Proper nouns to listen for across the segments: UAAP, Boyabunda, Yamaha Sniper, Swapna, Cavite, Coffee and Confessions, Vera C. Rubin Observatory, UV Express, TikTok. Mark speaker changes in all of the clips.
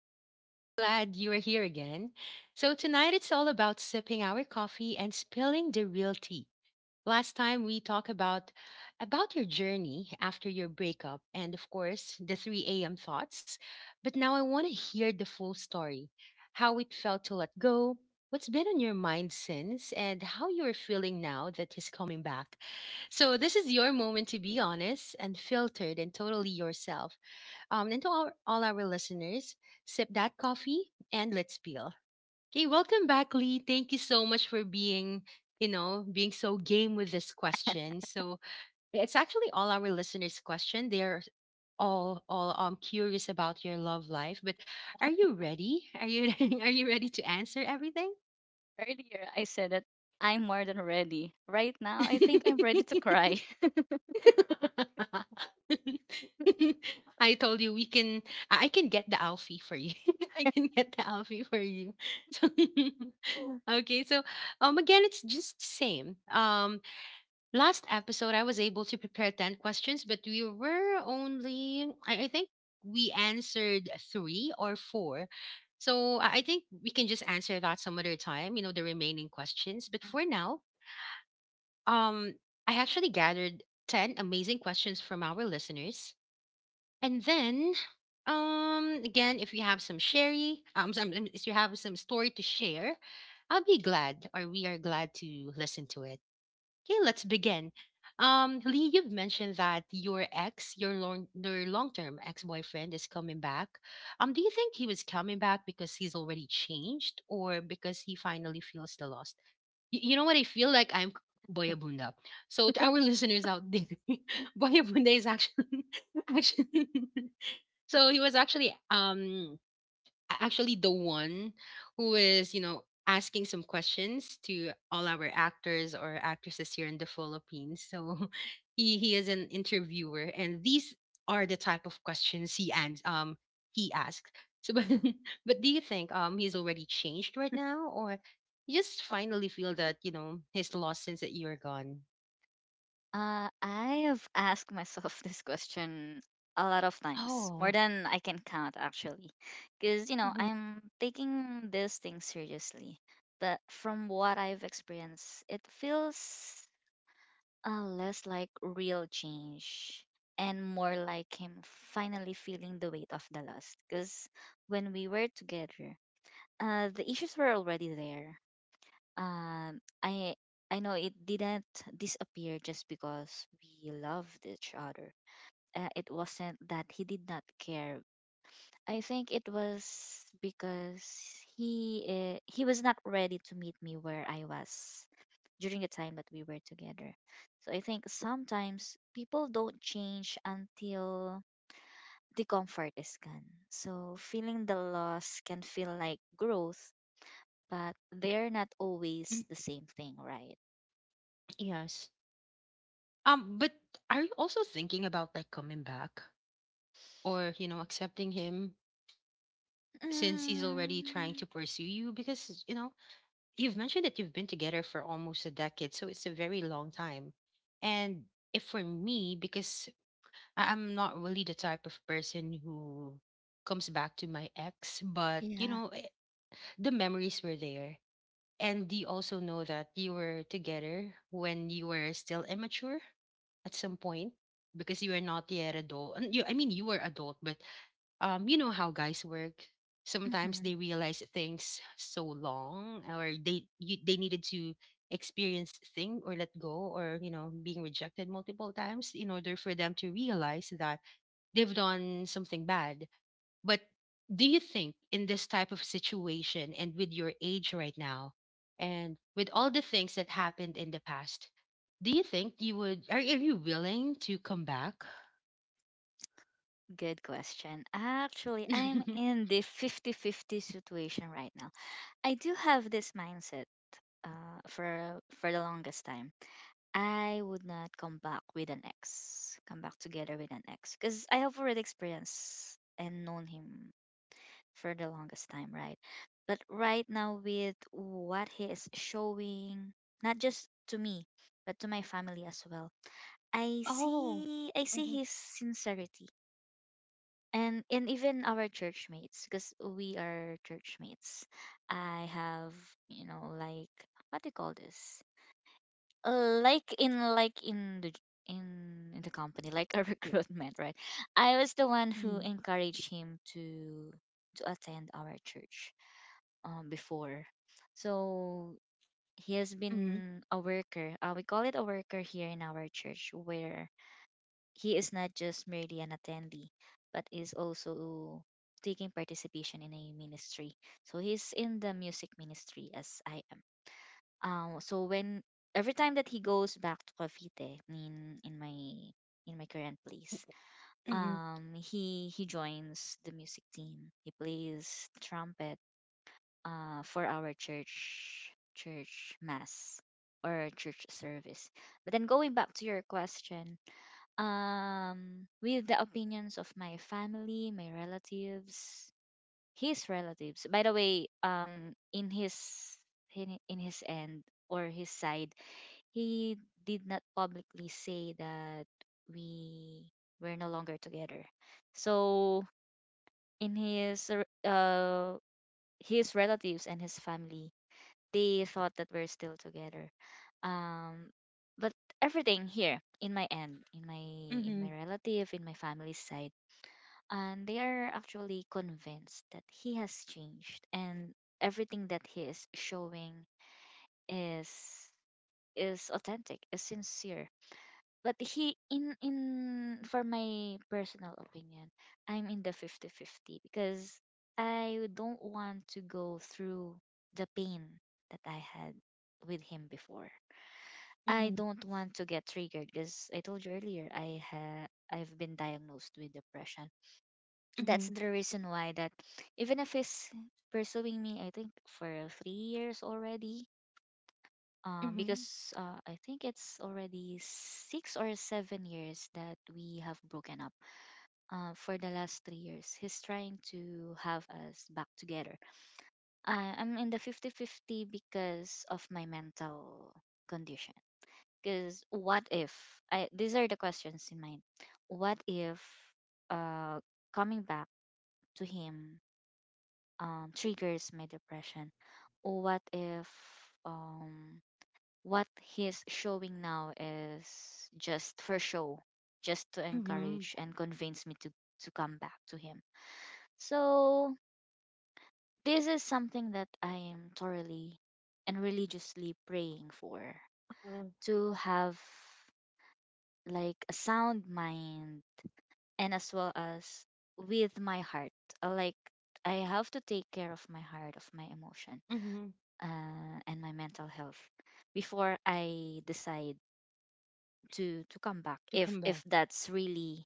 Speaker 1: Lee, I'm so glad you are here again. So, tonight it's all about sipping our coffee and spilling the real tea. Last time we talked about your journey after your breakup and of course the 3 a.m. thoughts. But now I want to hear the full story. How it felt to let go, what's been on your mind since, and how you are feeling now that he's coming back. So this is your moment to be honest and filtered and totally yourself. And to all our listeners, sip that coffee and let's peel. Okay, welcome back, Lee. Thank you so much for being so game with this question. So it's actually all our listeners' question. They're all curious about your love life. But are you ready? Are you are you ready to answer everything?
Speaker 2: Earlier, I said that I'm more than ready. Right now, I think I'm ready to cry.
Speaker 1: I told you we can. I can get the Alfie for you. I can get the Alfie for you. So, okay, so again, it's just same. Last episode I was able to prepare ten questions, but we were only. I think we answered three or four. So I think we can just answer that some other time. You know the remaining questions, but for now um, I actually gathered 10 amazing questions from our listeners. And then, again, if you have if you have some story to share, I'll be glad or we are glad to listen to it. Okay, let's begin. Lee, you've mentioned that your long-term ex-boyfriend is coming back. Do you think he was coming back because he's already changed or because he finally feels the loss? You know what? I feel like I'm Boyabunda. So to our listeners out there, Boyabunda is actually actually. So he was actually the one who is, you know, asking some questions to all our actors or actresses here in the Philippines. So he is an interviewer, and these are the type of questions he asks. So, but, but do you think he's already changed right now, or you just finally feel that you know he's lost since that you're gone?
Speaker 2: I have asked myself this question a lot of times, more
Speaker 1: Oh,
Speaker 2: than I can count, actually, because you know
Speaker 1: mhm.
Speaker 2: I'm taking this thing seriously. But from what I've experienced, it feels less like real change and more like him finally feeling the weight of the loss. Because when we were together, the issues were already there. Um i i know it didn't disappear just because we loved each other. It wasn't that he did not care. I think it was because he was not ready to meet me where I was during the time that we were together. So I think sometimes people don't change until the comfort is gone. So feeling the loss can feel like growth, but they're not always
Speaker 1: Mm,
Speaker 2: the same thing, right?
Speaker 1: yes. But are you also thinking about like coming back or you know accepting him since he's already trying
Speaker 2: Mm.
Speaker 1: to pursue you because you know you've mentioned that you've been together for almost a decade, so it's a very long time. And if for me, because I'm not really the type of person who comes back to my ex. But you
Speaker 2: Yeah.
Speaker 1: know, eh, the memories were there, and you also know that you were together when you were still immature at some point, because you were not yet adult and you I mean you were adult, but you know how guys work. Sometimes
Speaker 2: Mhm.
Speaker 1: they realize things so long, or they needed to experience thing or let go, or you know being rejected multiple times in order for them to realize that they've done something bad. But do you think in this type of situation and with your age right now, and with all the things that happened in the past, do you think you would are you willing to come back?
Speaker 2: Good question. Actually, I'm in the 50-50 situation right now. I do have this mindset for the longest time. I would not come back with an ex, come back together with an ex, because I have already experienced and known him for the longest time, right? But right now, with what he is showing, not just to me, but to my family as well, I
Speaker 1: Oh.
Speaker 2: see I see his sincerity. And even our church mates, because we are church mates. I have, like, what do you call this? Like in the in the company, like a recruitment, right? I was the one who encouraged him to attend our church before. So he has
Speaker 1: Mm-hmm.
Speaker 2: been a worker. We call it a worker here in our church, where he is not just merely an attendee, but is also taking participation in a ministry. So he's in the music ministry as I am. So when every time that he goes back to Cavite in in my current place,
Speaker 1: Mhm,
Speaker 2: he joins the music team. He plays trumpet for our church mass or church service. But then, going back to your question, with the opinions of my family, my relatives, his relatives, by the way, in his in his end or his side, he did not publicly say that we were no longer together. So in his relatives and his family, they thought that we're still together. Um, but everything here in my end, in
Speaker 1: mhm,
Speaker 2: my relative, in my family side, and they are actually convinced that he has changed and everything that he is showing is is authentic, is sincere. But he in, for my personal opinion, I'm in the 50-50 because I don't want to go through the pain that I had with him before. I
Speaker 1: mhm,
Speaker 2: don't want to get triggered because I told you earlier, I've been diagnosed with depression. That's
Speaker 1: mhm,
Speaker 2: the reason why, that even if he's pursuing me, I think for 3 years already,
Speaker 1: mhm,
Speaker 2: because I think it's already 6 or 7 years that we have broken up. For the last 3 years, he's trying to have us back together. I'm in the 50-50 because of my mental condition. Because, what if? These are the questions in mind. What if uh, coming back to him triggers my depression? What if. Um, what he's showing now is just for show, just to
Speaker 1: mhm,
Speaker 2: encourage and convince me to come back to him. So this is something that I am thoroughly and religiously praying for,
Speaker 1: uh,
Speaker 2: to have like a sound mind and as well as with my heart. Like, I have to take care of my heart, of my emotion,
Speaker 1: mhm,
Speaker 2: and my mental health before I decide to come back,
Speaker 1: to
Speaker 2: if
Speaker 1: come back.
Speaker 2: that's really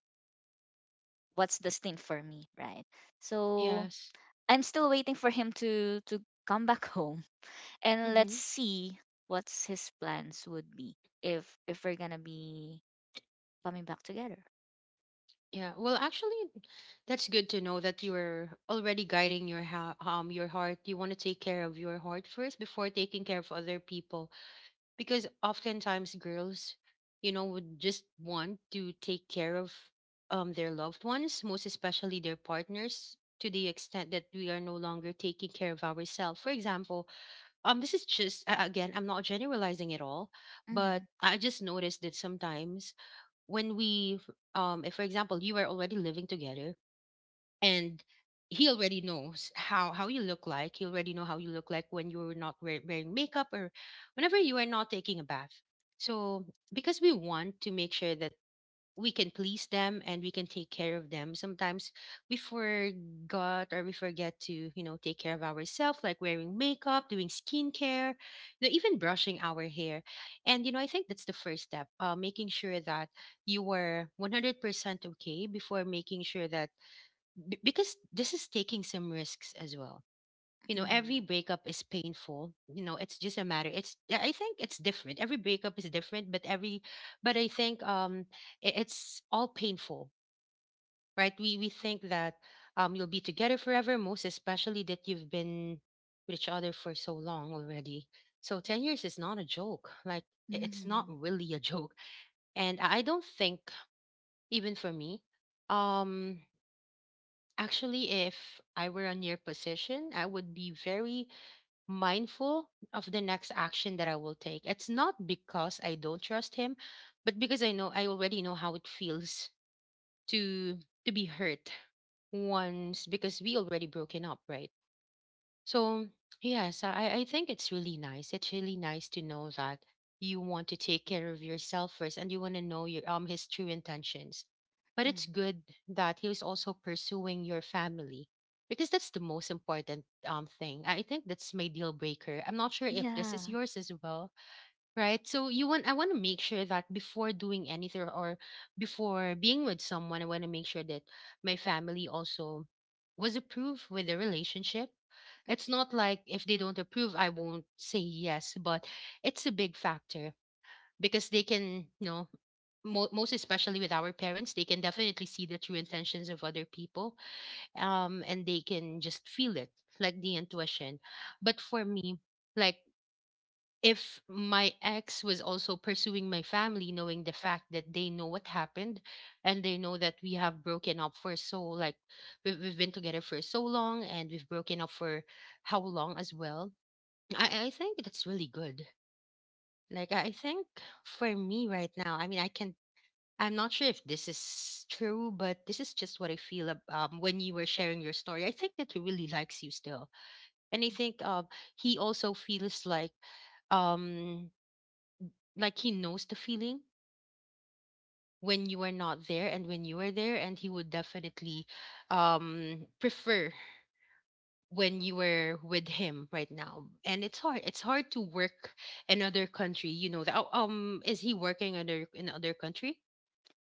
Speaker 2: what's destined for me, right? So
Speaker 1: Yes.
Speaker 2: I'm still waiting for him to come back home, and
Speaker 1: Mm-hmm.
Speaker 2: let's see what's his plans would be if we're gonna be coming back together.
Speaker 1: Yeah. Well, actually, that's good to know that you're already guiding your your heart. You want to take care of your heart first before taking care of other people, because oftentimes girls, you know, would just want to take care of their loved ones, most especially their partners, to the extent that we are no longer taking care of ourselves. For example, this is just again, I'm not generalizing at all,
Speaker 2: Mm-hmm.
Speaker 1: but I just noticed that sometimes when we, if for example you are already living together and he already knows how you look like, he already know how you look like when you're not wearing makeup or whenever you are not taking a bath. So because we want to make sure that we can please them and we can take care of them. Sometimes we forgot or we forget to, you know, take care of ourselves, like wearing makeup, doing skincare, you know, even brushing our hair. And, you know, I think that's the first step, making sure that you are 100% okay before making sure that, b- because this is taking some risks as well. You know every
Speaker 2: Mm-hmm.
Speaker 1: breakup is painful, you know it's just a matter, it's yeah, I think it's different, every breakup is different, but every but I think I- it's all painful, right? We think that you'll be together forever, most especially that you've been with each other for so long already. So 10 years is not a joke, like I- it's not
Speaker 2: Mm-hmm.
Speaker 1: really a joke. And I don't think, even for me, um, actually if I were on your position I would be very mindful of the next action that I will take. It's not because I don't trust him, but because I know, I already know how it feels to to be hurt once, because we already broken up, right? So, yes, I think it's really nice. It's really nice to know that you want to take care of yourself first and you want to know your his true intentions. But it's
Speaker 2: Mm-hmm.
Speaker 1: good that he was also pursuing your family, because that's the most important thing. I think that's my deal breaker. I'm not sure if this
Speaker 2: Yeah.
Speaker 1: is yours as well, right? So you want I want to make sure that before doing anything or before being with someone, I want to make sure that my family also was approved with the relationship. It's not like if they don't approve I won't say yes, but it's a big factor, because they can you know mo- most especially with our parents, they can definitely see the true intentions of other people, um, and they can just feel it, like the intuition. But for me, like, if my ex was also pursuing my family, knowing the fact that they know what happened and they know that we have broken up for so, like, we've been together for so long and we've broken up for how long as well, I think that's really good. Like I think for me right now, I can, I'm not sure if this is true, but this is just what I feel when you were sharing your story, I think that he really likes you still. And I think he also feels um like he knows the feeling when you are not there and when you are there, and he would definitely prefer when you were with him right now. And it's hard, it's hard to work in other country, you know that. Oh, um, is he working under in other country?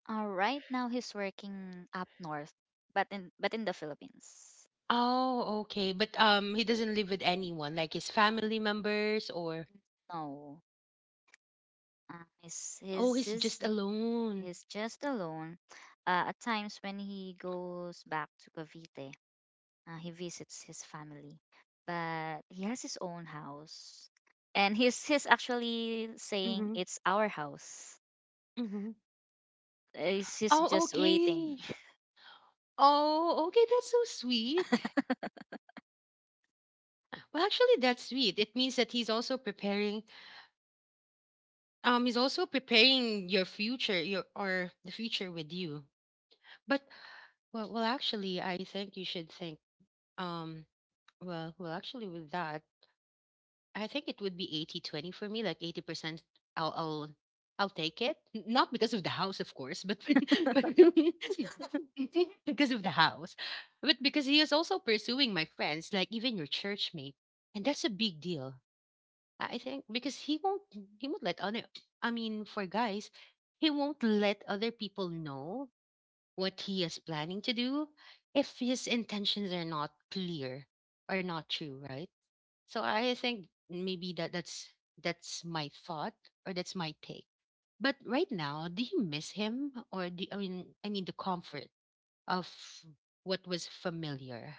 Speaker 2: Right now he's working up north, but in the Philippines.
Speaker 1: Oh, okay. But he doesn't live with anyone like his family members or?
Speaker 2: No. uh, he's,
Speaker 1: Oh,
Speaker 2: he's
Speaker 1: he's
Speaker 2: he's
Speaker 1: just alone.
Speaker 2: He's just alone. At times when he goes back to Cavite, he visits his family, but he has his own house, and he's actually saying
Speaker 1: Mm-hmm,
Speaker 2: it's our house.
Speaker 1: mm-hmm.
Speaker 2: He's
Speaker 1: Oh,
Speaker 2: just waiting.
Speaker 1: okay. Oh, okay, that's so sweet. Well, actually, that's sweet. It means that he's also preparing. He's also preparing your future, your or the future with you. But well, actually, I think you should think. Um, well, actually, with that, I think it would be 80-20 for me. Like 80%, I'll, I'll, I'll take it. Not because of the house, of course, but but because of the house, but because he is also pursuing my friends, like even your church mate, and that's a big deal. I think because he won't let other, I mean for guys, he won't let other people know what he is planning to do if his intentions are not clear or not true, right? So I think maybe that's my thought or that's my take. But right now, do you miss him, or do I mean, I mean the comfort of what was familiar?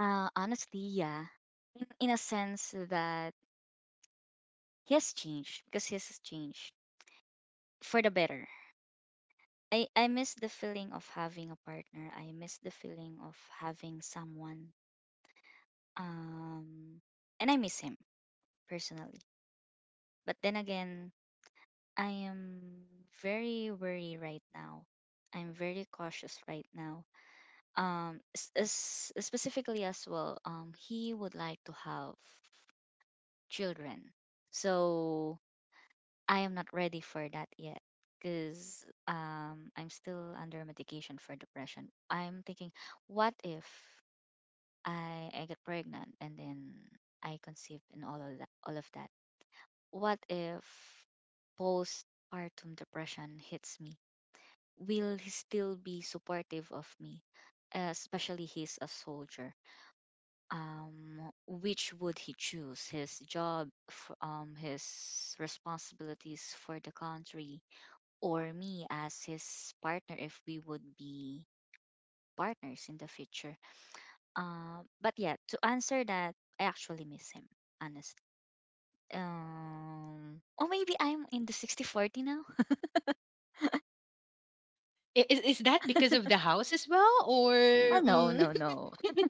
Speaker 2: Honestly, yeah. In a sense that he has changed, because he has changed for the better. I miss the feeling of having a partner. I miss the feeling of having someone. Um, and I miss him personally. But then again, I am very worried right now. I'm very cautious right now. Specifically as well, he would like to have children. So I am not ready for that yet, because I'm still under medication for depression. I'm thinking, what if I get pregnant and then I conceive, and all of that, what if postpartum depression hits me? Will he still be supportive of me? Especially he's a soldier. Um, which would he choose? His job, his responsibilities for the country, or me as his partner, if we would be partners in the future? But yeah, to answer that, I actually miss him, honestly. Or maybe I'm in the 60-40 now.
Speaker 1: Is that because of the house as well, or
Speaker 2: Oh, no,
Speaker 1: mm,
Speaker 2: no, no.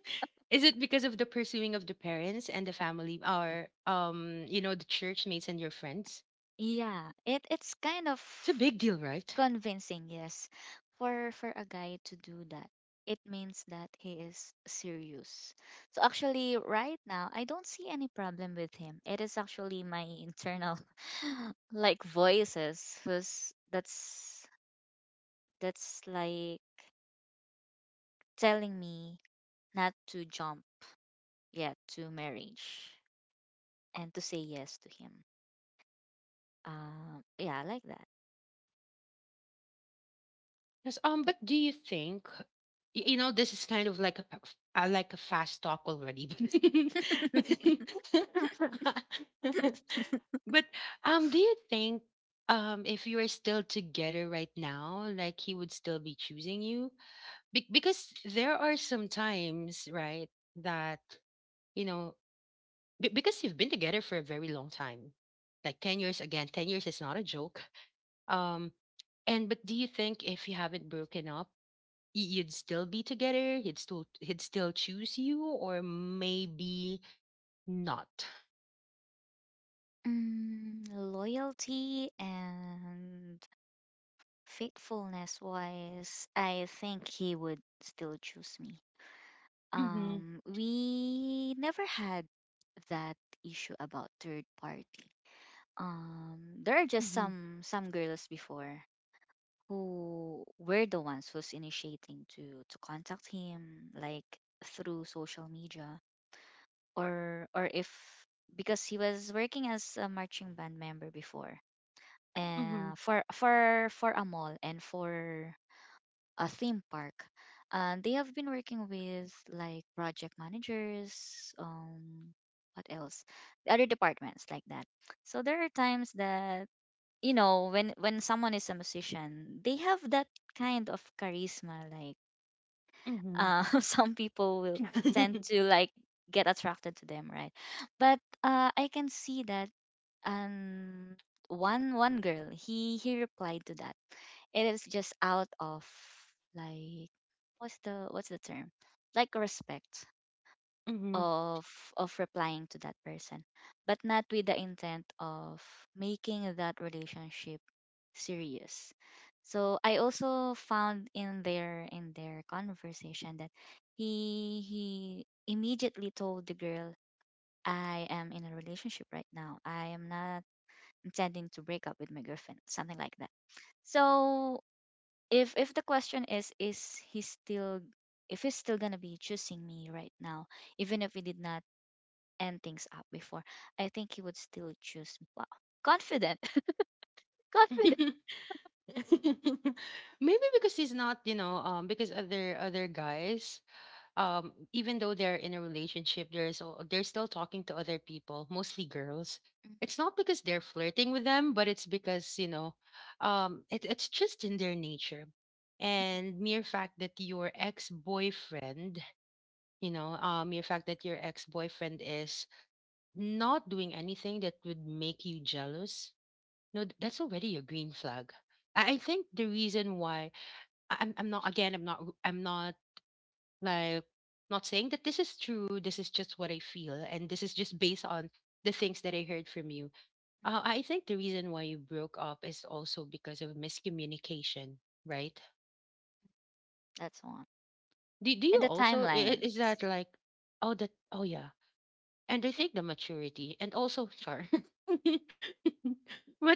Speaker 1: is it because of the pursuing of the parents and the family,
Speaker 2: Y-
Speaker 1: or you know, the church mates and your friends?
Speaker 2: Yeah, it's kind of
Speaker 1: It's a big deal, right?
Speaker 2: convincing, yes, for a guy to do that. It means that he is serious. So actually, right now, I don't see any problem with him. It is actually my internal, like, voices, who's that's like telling me not to jump yet to marriage and to say yes to him. Yeah, I like
Speaker 1: Yes. But do you think, you know, this is kind of like a like a fast talk already,
Speaker 2: that.
Speaker 1: but but do you think if you are still together right now, like he would still be choosing you? Because there are some times, right, that, you know, because you've been together for a very long time, like 10 years, again, 10 years is not a joke. Um, and, but do you think if you haven't broken up, you'd still be together? He'd still choose you or maybe not?
Speaker 2: Loyalty and faithfulness wise, I think he would still choose me.
Speaker 1: Mm-hmm.
Speaker 2: We never had that issue about third party. There are just
Speaker 1: Mm-hmm.
Speaker 2: some girls before who were the ones who's initiating to contact him, like through social media, or if, because he was working as a marching band member before
Speaker 1: Mm-hmm.
Speaker 2: for a mall and for a theme park, and they have been working with, like, project managers, what else, the other departments like that. So there are times that, you know, when someone is a musician, they have that kind of charisma, like
Speaker 1: Mm-hmm.
Speaker 2: some people will tend to like get attracted to them, right? But I can see that um one girl he replied to, that it is just out of, like, what's the term, like, respect
Speaker 1: Mm-hmm.
Speaker 2: of of replying to that person, but not with the intent of making that relationship serious. So I also found in their conversation that he immediately told the girl, I am in a relationship right now, I am not intending to break up with my girlfriend, something like that. So if the question is he still, if he's still gonna be choosing me right now, even if we did not end things up before, I think he would still choose. Bluff. Confident. Confident.
Speaker 1: Maybe because he's not, because other guys even though they're in a relationship, they're still talking to other people, mostly girls. It's not because they're flirting with them, but it's because, it's just in their nature. And mere fact that your ex-boyfriend is not doing anything that would make you jealous. No, that's already a green flag. I think the reason why I'm not like, not saying that this is true, this is just what I feel, and this is just based on the things that I heard from you. I think the reason why you broke up is also because of miscommunication, right?
Speaker 2: That's one.
Speaker 1: Do
Speaker 2: And
Speaker 1: you
Speaker 2: the
Speaker 1: also, is that
Speaker 2: timelines.
Speaker 1: like, oh, that, oh, yeah. And I think the maturity and also, sure. But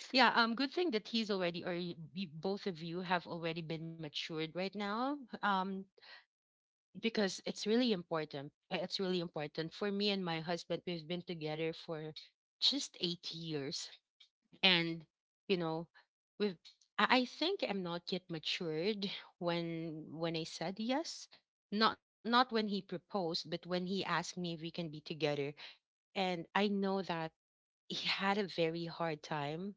Speaker 1: yeah, good thing that he's already, or both of you have already been matured right now. Because it's really important. It's really important for me and my husband. We've been together for just 8 years, and you know, we've. I think I'm not yet matured when I said yes. Not when he proposed, but when he asked me if we can be together. And I know that he had a very hard time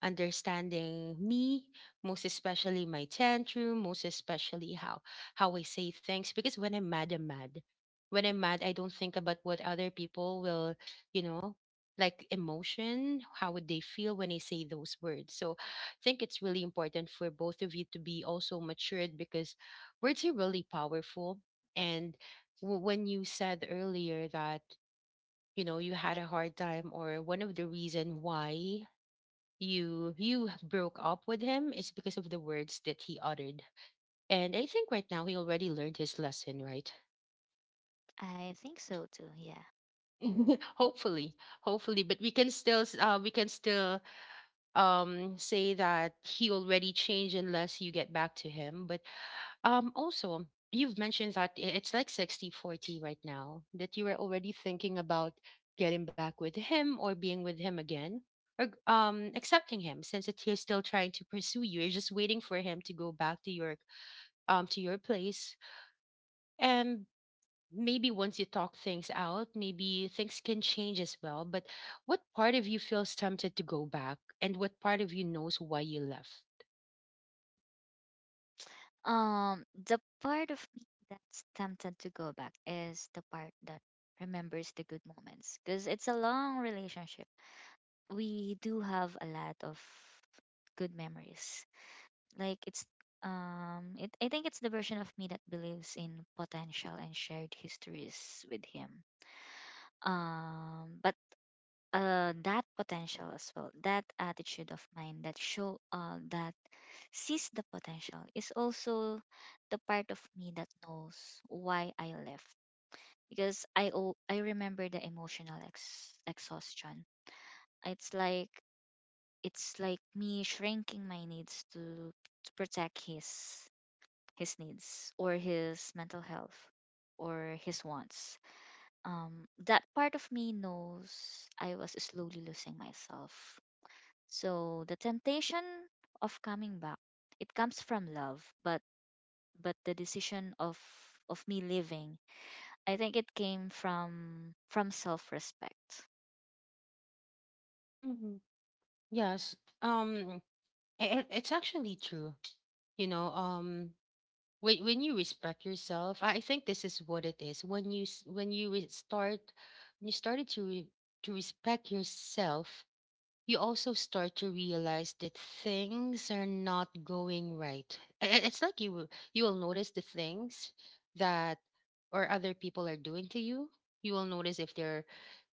Speaker 1: understanding me, most especially my tantrum, most especially how I say things. Because when I'm mad, I'm mad. When I'm mad, I don't think about what other people will, you know, like emotion, how would they feel when I say those words. So I think it's really important for both of you to be also matured because words are really powerful. And when you said earlier that you had a hard time or one of the reason why you broke up with him is because of the words that he uttered. And I think right now he already learned his lesson, right?
Speaker 2: I think so too, yeah.
Speaker 1: Hopefully, hopefully, but we can still say that he already changed unless you get back to him. But also, you've mentioned that it's like 60-40 right now, that you were already thinking about getting back with him or being with him again, or accepting him since he's still trying to pursue you. You're just waiting for him to go back to your place. And maybe once you talk things out, maybe things can change as well. But what part of you feels tempted to go back and what part of you knows why you left?
Speaker 2: The part of me that's tempted to go back is the part that remembers the good moments, because it's a long relationship. We do have a lot of good memories. Like, it's it I think it's the version of me that believes in potential and shared histories with him. But that potential as well, that attitude of mine that sees the potential is also the part of me that knows why I left. Because I remember the emotional exhaustion. It's like, me shrinking my needs to protect his needs or his mental health or his wants. That part of me knows I was slowly losing myself. So the temptation of coming back, it comes from love, but the decision of me living, I think, it came from self-respect.
Speaker 1: Hmm. Yes. Um, it's actually true you know um when you respect yourself, I think this is what it is when you s- when you re- start when you started to to respect yourself, you also start to realize that things are not going right. It's like you will notice the things that or other people are doing to you. You will notice if they're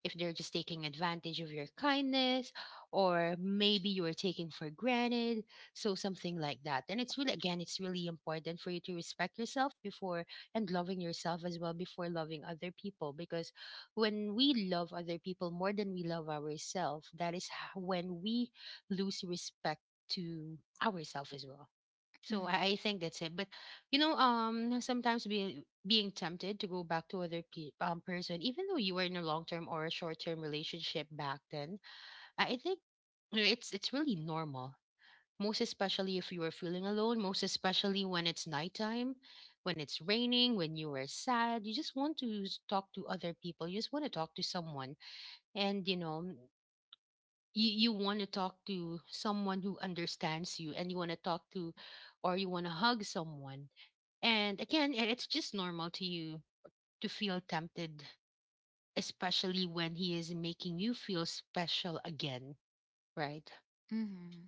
Speaker 1: if they're just taking advantage of your kindness, or maybe you are taking for granted. So something like that. And it's really important for you to respect yourself before, and loving yourself as well before loving other people, because when we love other people more than we love ourselves, that is when we lose respect to ourselves as well. So
Speaker 2: Mm-hmm.
Speaker 1: I think that's it. But sometimes being tempted to go back to other person, even though you were in a long term or a short term relationship back then, I think, it's really normal, most especially if you are feeling alone, most especially when it's nighttime, when it's raining, when you are sad, you just want to talk to other people. You just want to talk to someone. And, you want to talk to someone who understands you, and you want to talk to or you want to hug someone. And again, it's just normal to you to feel tempted, especially when he is making you feel special again, right?
Speaker 2: Mm.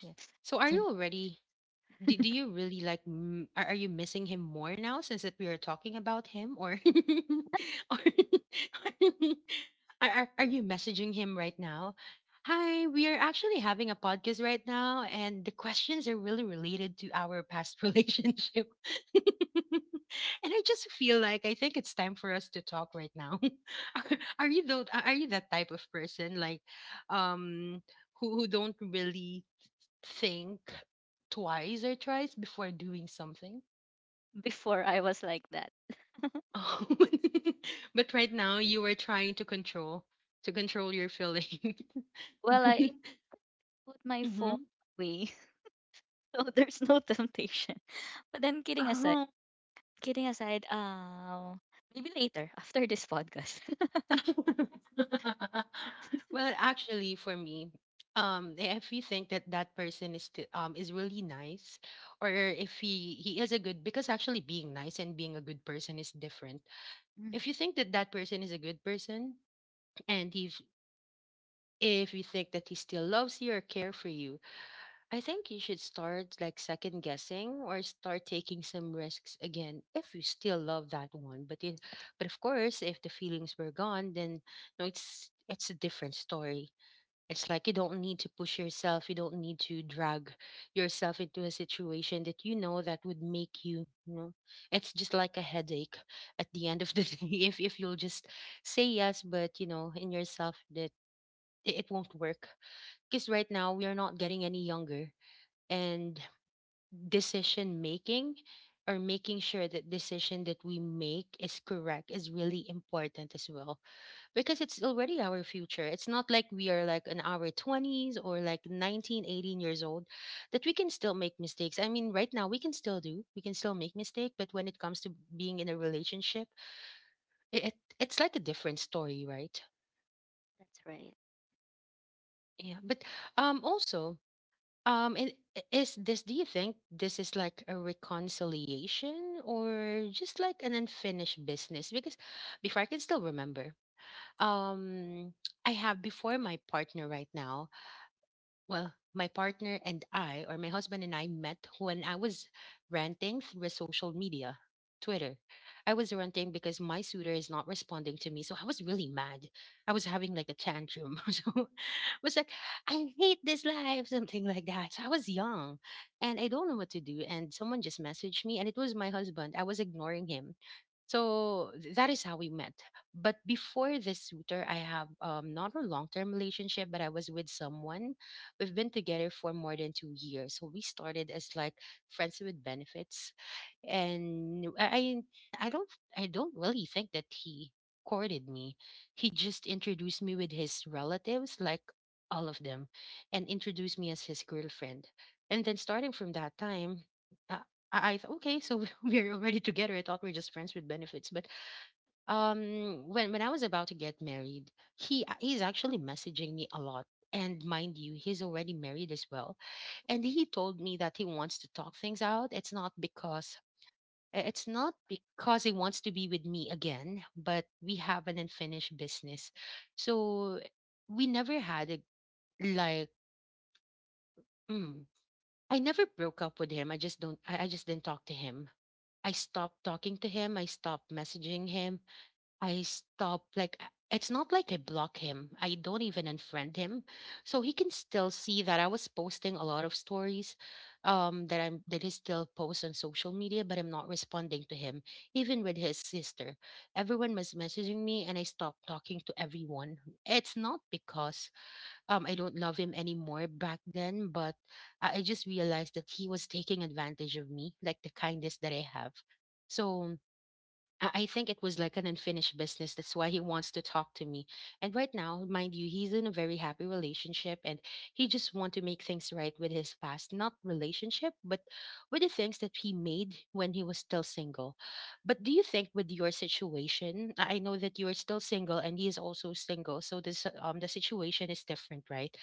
Speaker 1: Yeah. So are you already Do you really like are you missing him more now since that we are talking about him, or or are you messaging him right now? Hi, we are actually having a podcast right now, and the questions are really related to our past relationship and I just feel like I think it's time for us to talk right now. Are are you that type of person like um who don't really think twice or thrice before doing something.
Speaker 2: Before I was like that.
Speaker 1: Um, but right now you were trying to control your feelings.
Speaker 2: Well, I put my phone
Speaker 1: Hmm.
Speaker 2: away, so there's no temptation. But then, kidding aside,
Speaker 1: Oh.
Speaker 2: kidding aside, uh, maybe later after this podcast.
Speaker 1: Well, actually, for me, if you think that that person is still, is really nice, or if he is a good, because actually being nice and being a good person is different.
Speaker 2: Mm.
Speaker 1: If you think that that person is a good person, and he if you think that he still loves you or care for you, I think you should start like second guessing or start taking some risks again if you still love that one. But of course, if the feelings were gone, then no, it's a different story. It's like you don't need to push yourself, you don't need to drag yourself into a situation that you know that would make you, it's just like a headache at the end of the day if you'll just say yes, but you know, in yourself that it won't work, because right now we are not getting any younger, and decision making or making sure that decision that we make is correct is really important as well, because it's already our future. It's not like we are like in our 20s or like 19, 18 years old that we can still make mistakes. I mean right now we can still make mistake, but when it comes to being in a relationship, it, it it's like a different story, right?
Speaker 2: That's right.
Speaker 1: Yeah, but also. And is this, do you think this is like a reconciliation or just like an unfinished business? Because before I can still remember, um, I have before my partner right now, well, my partner and I, or my husband and I met when I was ranting through social media, Twitter. I was ranting because my suitor is not responding to me. So I was really mad. I was having like a tantrum. So was like, I hate this life, something like that. So I was young and I don't know what to do. And someone just messaged me, and it was my husband. I was ignoring him. So that is how we met. But before this suitor, I have not a long term relationship, but I was with someone. We've been together for more than 2 years. So we started as like friends with benefits, and I I don't I don't really think that he courted me. He just introduced me with his relatives, like all of them, and introduced me as his girlfriend. And then starting from that time, uh, I thought, okay, so we're already together. I thought we are just friends with benefits. But when I was about to get married, he's actually messaging me a lot. And mind you, he's already married as well. And he told me that he wants to talk things out. It's not because he wants to be with me again, but we have an unfinished business. So we never had a like, mm, I never broke up with him. I just don't, I just didn't talk to him. I stopped talking to him. I stopped messaging him. I stop like it's not like I block him. I don't even unfriend him. So he can still see that I was posting a lot of stories that he still posts on social media, but I'm not responding to him, even with his sister. Everyone was messaging me and I stopped talking to everyone. It's not because I don't love him anymore back then, but I just realized that he was taking advantage of me, like the kindness that I have. So I think it was like an unfinished business. That's why he wants to talk to me. And right now, mind you, he's in a very happy relationship and he just want to make things right with his past, not relationship, but with the things that he made when he was still single. But do you think with your situation, I know that you're still single and he is also single, so this the situation is different, right?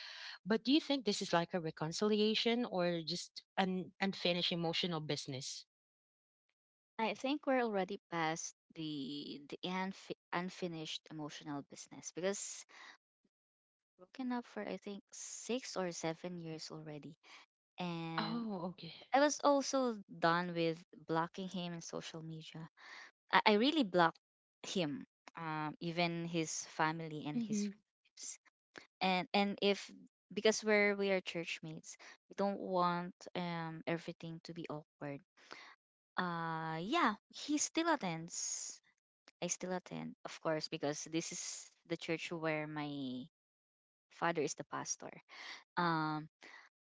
Speaker 1: But do you think this is like a reconciliation or just an unfinished emotional business?
Speaker 2: I think we're already past the unfinished emotional business, because broken up for, I think, 6 or 7 years already, and
Speaker 1: Oh, okay.
Speaker 2: I was also done with blocking him in social media. I really blocked him, even his family and his
Speaker 1: Mm-hmm.
Speaker 2: relatives, and if, because we are churchmates, we don't want everything to be awkward. Yeah, he still attends I still attend, of course, because this is the church where my father is the pastor. Um,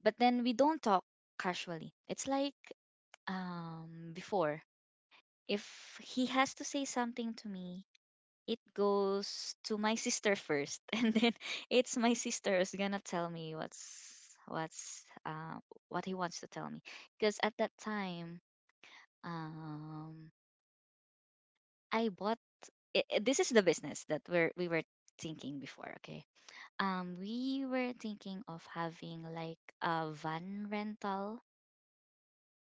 Speaker 2: but then we don't talk casually. It's like before. If he has to say something to me, it goes to my sister first, and then it's my sister who's gonna tell me what he wants to tell me. Because at that time, um, I bought. I- this is the business that we were thinking before. Okay. We were thinking of having like a van rental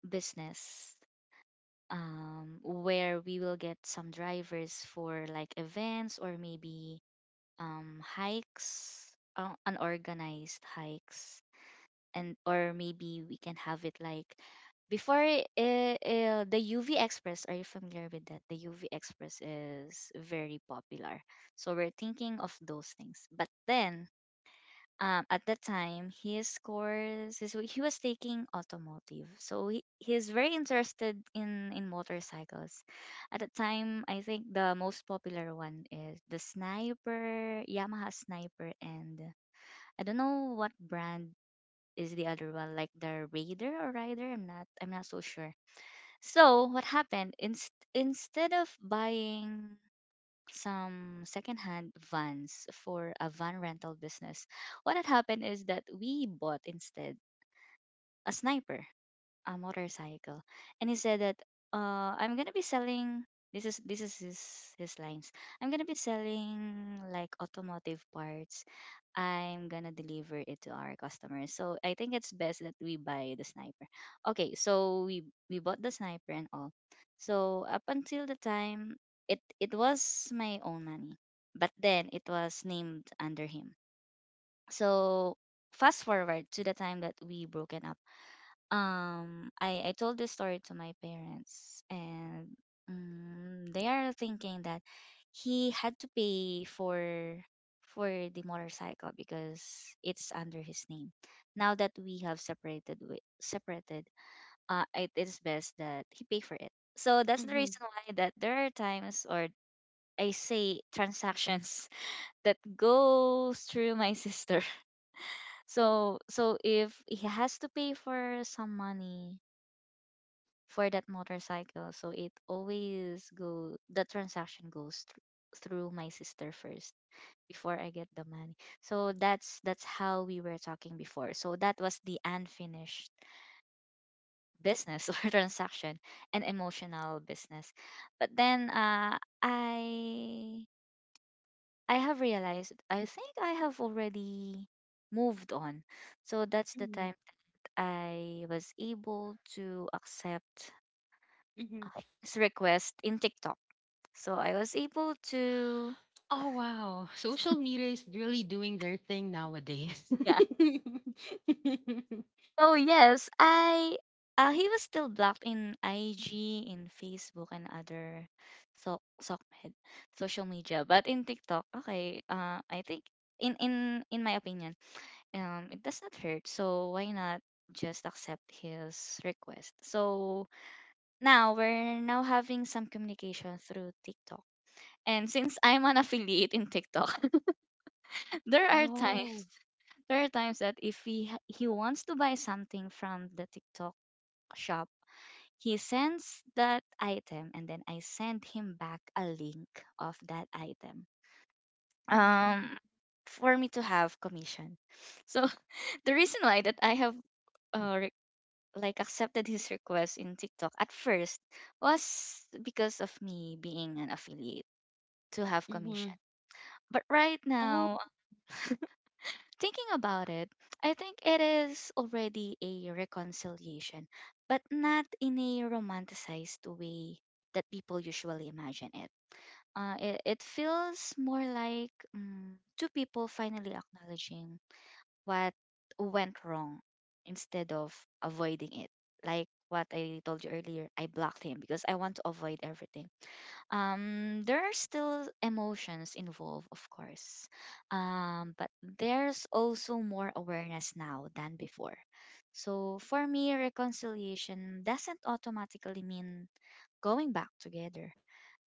Speaker 2: business, where we will get some drivers for like events, or maybe hikes, unorganized hikes. And or maybe we can have it like before, the UV Express. Are you familiar with that? The UV Express is very popular. So we're thinking of those things. But then, at that time his course is he was taking automotive, so he's very interested in motorcycles. At the time, I think the most popular one is the sniper, Yamaha sniper, and I don't know what brand is the other one, like the Raider or Rider. I'm not so sure. So what happened, instead of buying some secondhand vans for a van rental business, what had happened is that we bought instead a sniper, a motorcycle. And he said that, I'm gonna be selling, this is his lines, I'm gonna be selling like automotive parts, I'm gonna deliver it to our customers, so I think it's best that we buy the sniper. Okay, so we bought the sniper and all. So up until the time, it was my own money, but then it was named under him. So fast forward to the time that we broken up, I told this story to my parents, and they are thinking that he had to pay for the motorcycle because it's under his name. Now that we have separated, it is best that he pay for it. So that's the reason why that there are times, or I say transactions, that goes through my sister. So, if he has to pay for some money for that motorcycle. So it always go, the transaction goes through my sister first before I get the money. So that's how we were talking before. So that was the unfinished business or transaction, an emotional business. But then, I have realized, I think I have already moved on. So that's the
Speaker 1: Mhm,
Speaker 2: time I was able to accept
Speaker 1: mhm.
Speaker 2: his request in TikTok. So I was able to
Speaker 1: Oh wow, social media is really doing their thing nowadays.
Speaker 2: yeah. Oh yes, I he was still blocked in IG, in Facebook, and other, socmed, social media. But in TikTok, okay, I think in my opinion, it does not hurt. So why not just accept his request? So now we're now having some communication through TikTok. And since I'm an affiliate in TikTok, there are
Speaker 1: Oh.
Speaker 2: times there are times that if he wants to buy something from the TikTok shop, he sends that item and then I send him back a link of that item.
Speaker 1: Mm-hmm.
Speaker 2: Um for me to have commission. So the reason why that I have uh, re- like accepted his request in TikTok at first was because of me being an affiliate to have commission. But right
Speaker 1: Oh.
Speaker 2: now, thinking about it, I think it is already a reconciliation, but not in a romanticized way that people usually imagine it. It feels more like two people finally acknowledging what went wrong instead of avoiding it. Like what I told you earlier, I blocked him because I want to avoid everything. There are still emotions involved, of course, but there's also more awareness now than before. So for me, reconciliation doesn't automatically mean going back together,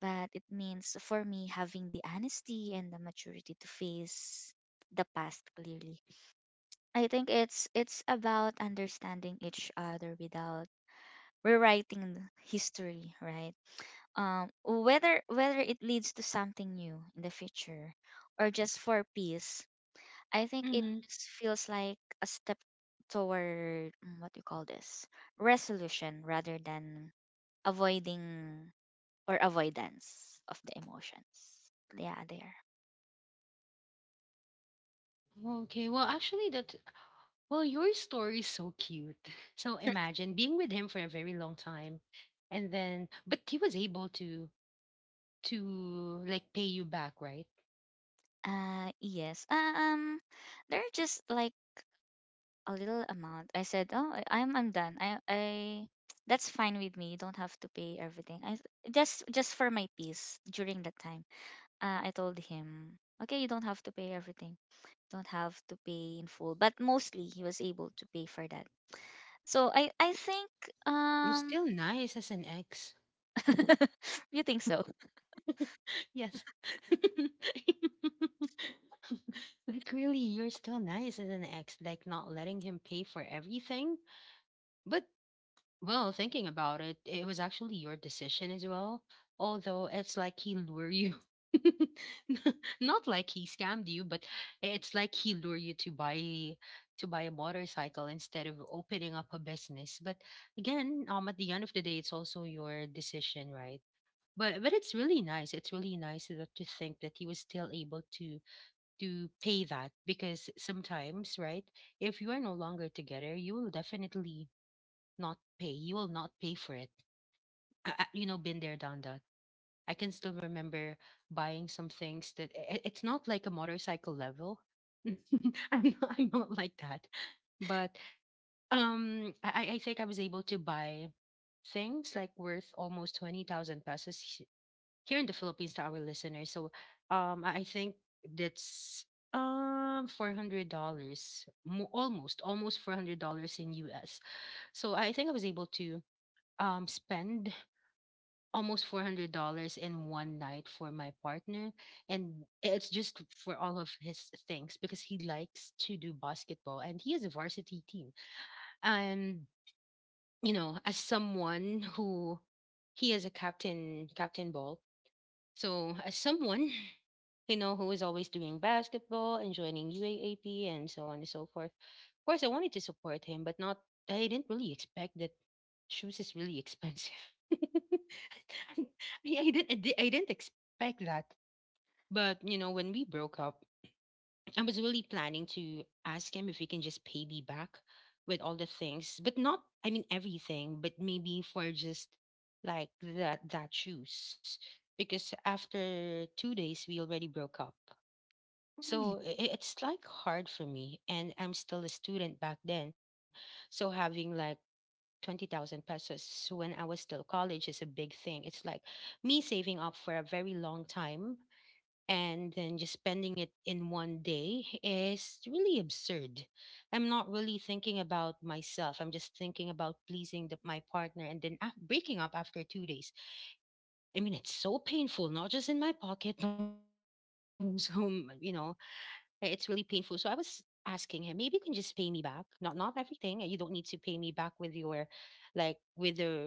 Speaker 2: but it means for me having the honesty and the maturity to face the past clearly. I think it's about understanding each other without rewriting history, right? Whether it leads to something new in the future or just for peace, I think it
Speaker 1: Hmm.
Speaker 2: just feels like a step toward, what do you call this, resolution rather than avoiding, or avoidance of the emotions. Yeah, there.
Speaker 1: Okay. Well, actually, that. Well, your story is so cute. So imagine being with him for a very long time, and then, but he was able to like pay you back, right?
Speaker 2: Yes, there are just like a little amount. I said, oh, I'm done. I That's fine with me, you don't have to pay everything. I Just for my peace during that time. I told him, okay, you don't have to pay everything. Don't have to pay in full. But mostly he was able to pay for that. So, I think,
Speaker 1: You're
Speaker 2: um
Speaker 1: still nice as an ex.
Speaker 2: you think so.
Speaker 1: Yes. Like, really, you're still nice as an ex, like not letting him pay for everything. But, well, thinking about it, it was actually your decision as well. Although it's like he lured you. Not like he scammed you, but it's like he lured you to buy a motorcycle instead of opening up a business. But again, at the end of the day, it's also your decision, right? But it's really nice. It's really nice that to think that he was still able to pay that because sometimes, right, if you are no longer together, you will definitely not pay. You will not pay for it. I, been there, done that. I can still remember buying some things that it's not like a motorcycle level. I'm not like that. But I think I was able to buy things like worth almost 20,000 pesos here in the Philippines to our listeners. So I think that's $400 almost $400 in US. So I think I was able to spend almost $400 in one night for my partner and it's just for all of his things because he likes to do basketball and he has a varsity team and you know as someone who he is a captain ball so as someone you know, who is always doing basketball and joining UAAP and so on and so forth. Of course, I wanted to support him, but not, I didn't really expect that shoes is really expensive. I, I didn't expect that. But, you know, when we broke up, I was really planning to ask him if he can just pay me back with all the things, but not, I mean, everything, but maybe for just like that shoes. Because after 2 days, we already broke up.
Speaker 2: Really?
Speaker 1: So it's like hard for me, and I'm still a student back then. So having like 20,000 pesos when I was still college is a big thing. It's like me saving up for a very long time and then just spending it in one day is really absurd. I'm not really thinking about myself. I'm just thinking about pleasing the, my partner and then breaking up after 2 days. I mean, it's so painful, not just in my pocket, but also, you know, right, it's really painful. So I was asking him, maybe you can just pay me back. Not everything. You don't need to pay me back with your like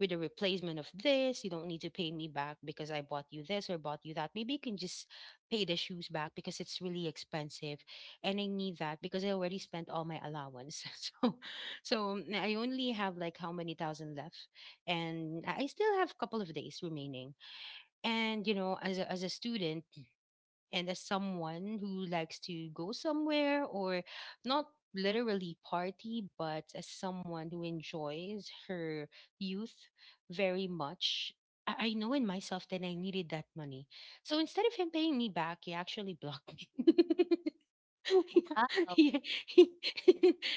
Speaker 1: with the replacement of this. You don't need to pay me back because I bought you this or bought you that. Maybe you can just pay the shoes back because it's really expensive and I need that because I already spent all my allowance. So I only have like how many thousand left and I still have a couple of days remaining. And you know, as a student and as someone who likes to go somewhere or not literally party but as someone who enjoys her youth very much, I know in myself that I needed that money. So instead of him paying me back, he actually blocked me.
Speaker 2: Wow.
Speaker 1: Yeah, yeah.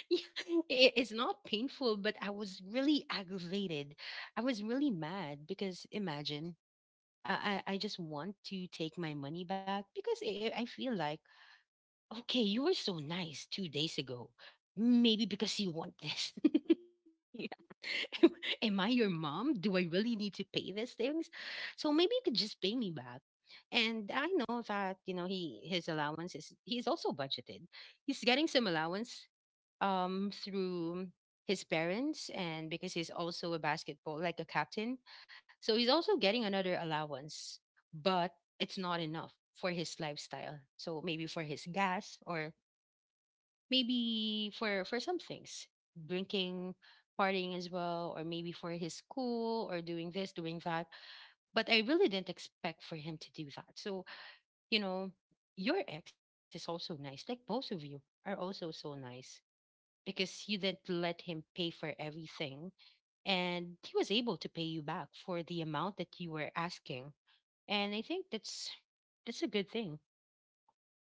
Speaker 1: It's not painful, but I was really aggravated. I was really mad because imagine I just want to take my money back because I feel like, okay, you were so nice 2 days ago. Maybe because you want this.
Speaker 2: Yeah.
Speaker 1: am, am I your mom? Do I really need to pay these things? So maybe you could just pay me back. And I know that, you know, he his allowance is he's also budgeted. He's getting some allowance through his parents and because he's also a basketball, like a captain. So he's also getting another allowance, but it's not enough for his lifestyle. So maybe for his gas or maybe for some things, drinking, partying as well, or maybe for his school or doing this, doing that. But I really didn't expect for him to do that. So, you know, your ex is also nice. Like both of you are also so nice because you didn't let him pay for everything and he was able to pay you back for the amount that you were asking, and I think that's a good thing,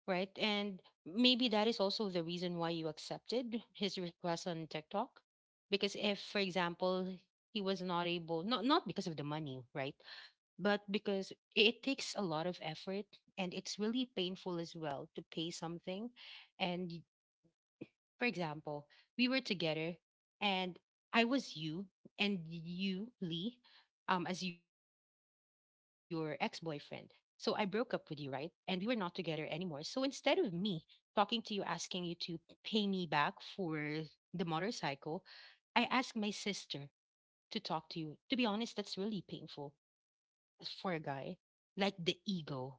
Speaker 1: right? And maybe that is also the reason why you accepted his request on TikTok. Because if for example he was not able, not because of the money, right? But because it takes a lot of effort and it's really painful as well to pay something. And for example, we were together and I was you and you, Lee, as your ex boyfriend. So I broke up with you, right? And we were not together anymore. So instead of me talking to you, asking you to pay me back for the motorcycle, I asked my sister to talk to you. To be honest, that's really painful for a guy, like the ego,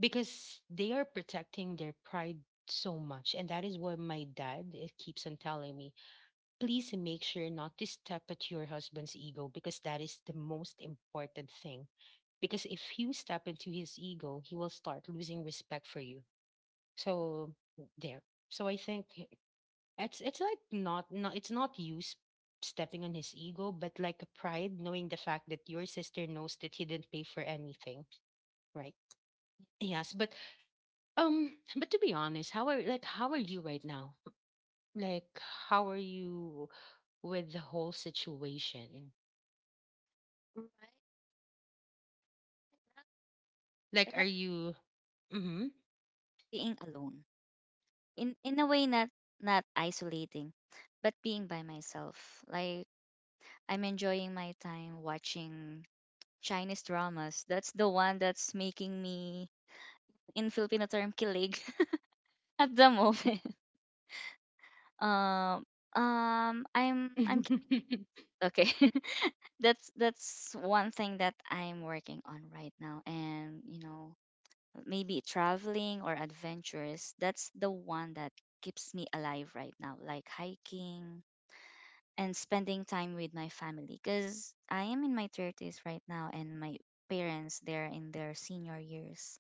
Speaker 1: because they are protecting their pride so much. And that is what my dad, keeps on telling me, please make sure not to step at your husband's ego because that is the most important thing. Because if you step into his ego, he will start losing respect for you. So there. So I think it's like not it's not you stepping on his ego, but like a pride knowing the fact that your sister knows that he didn't pay for anything, right? Yes, but but to be honest, how are, like how are you right now? Like how are you with the whole situation?
Speaker 2: Right. Love, I
Speaker 1: Like, are
Speaker 2: love
Speaker 1: you? Hmm.
Speaker 2: being alone. In in a way, not isolating but being by myself. Like, I'm enjoying my time watching Chinese dramas. That's the one that's making me, in Filipino term, kilig, at the moment. um um i'm i'm ki-
Speaker 1: Hmm.
Speaker 2: okay. That's one thing that I'm working on right now. And you know, maybe traveling or adventures, that's the one that keeps me alive right now, like hiking and spending time with my family, because I am in my 30s right now, and my parents, they're in their senior years.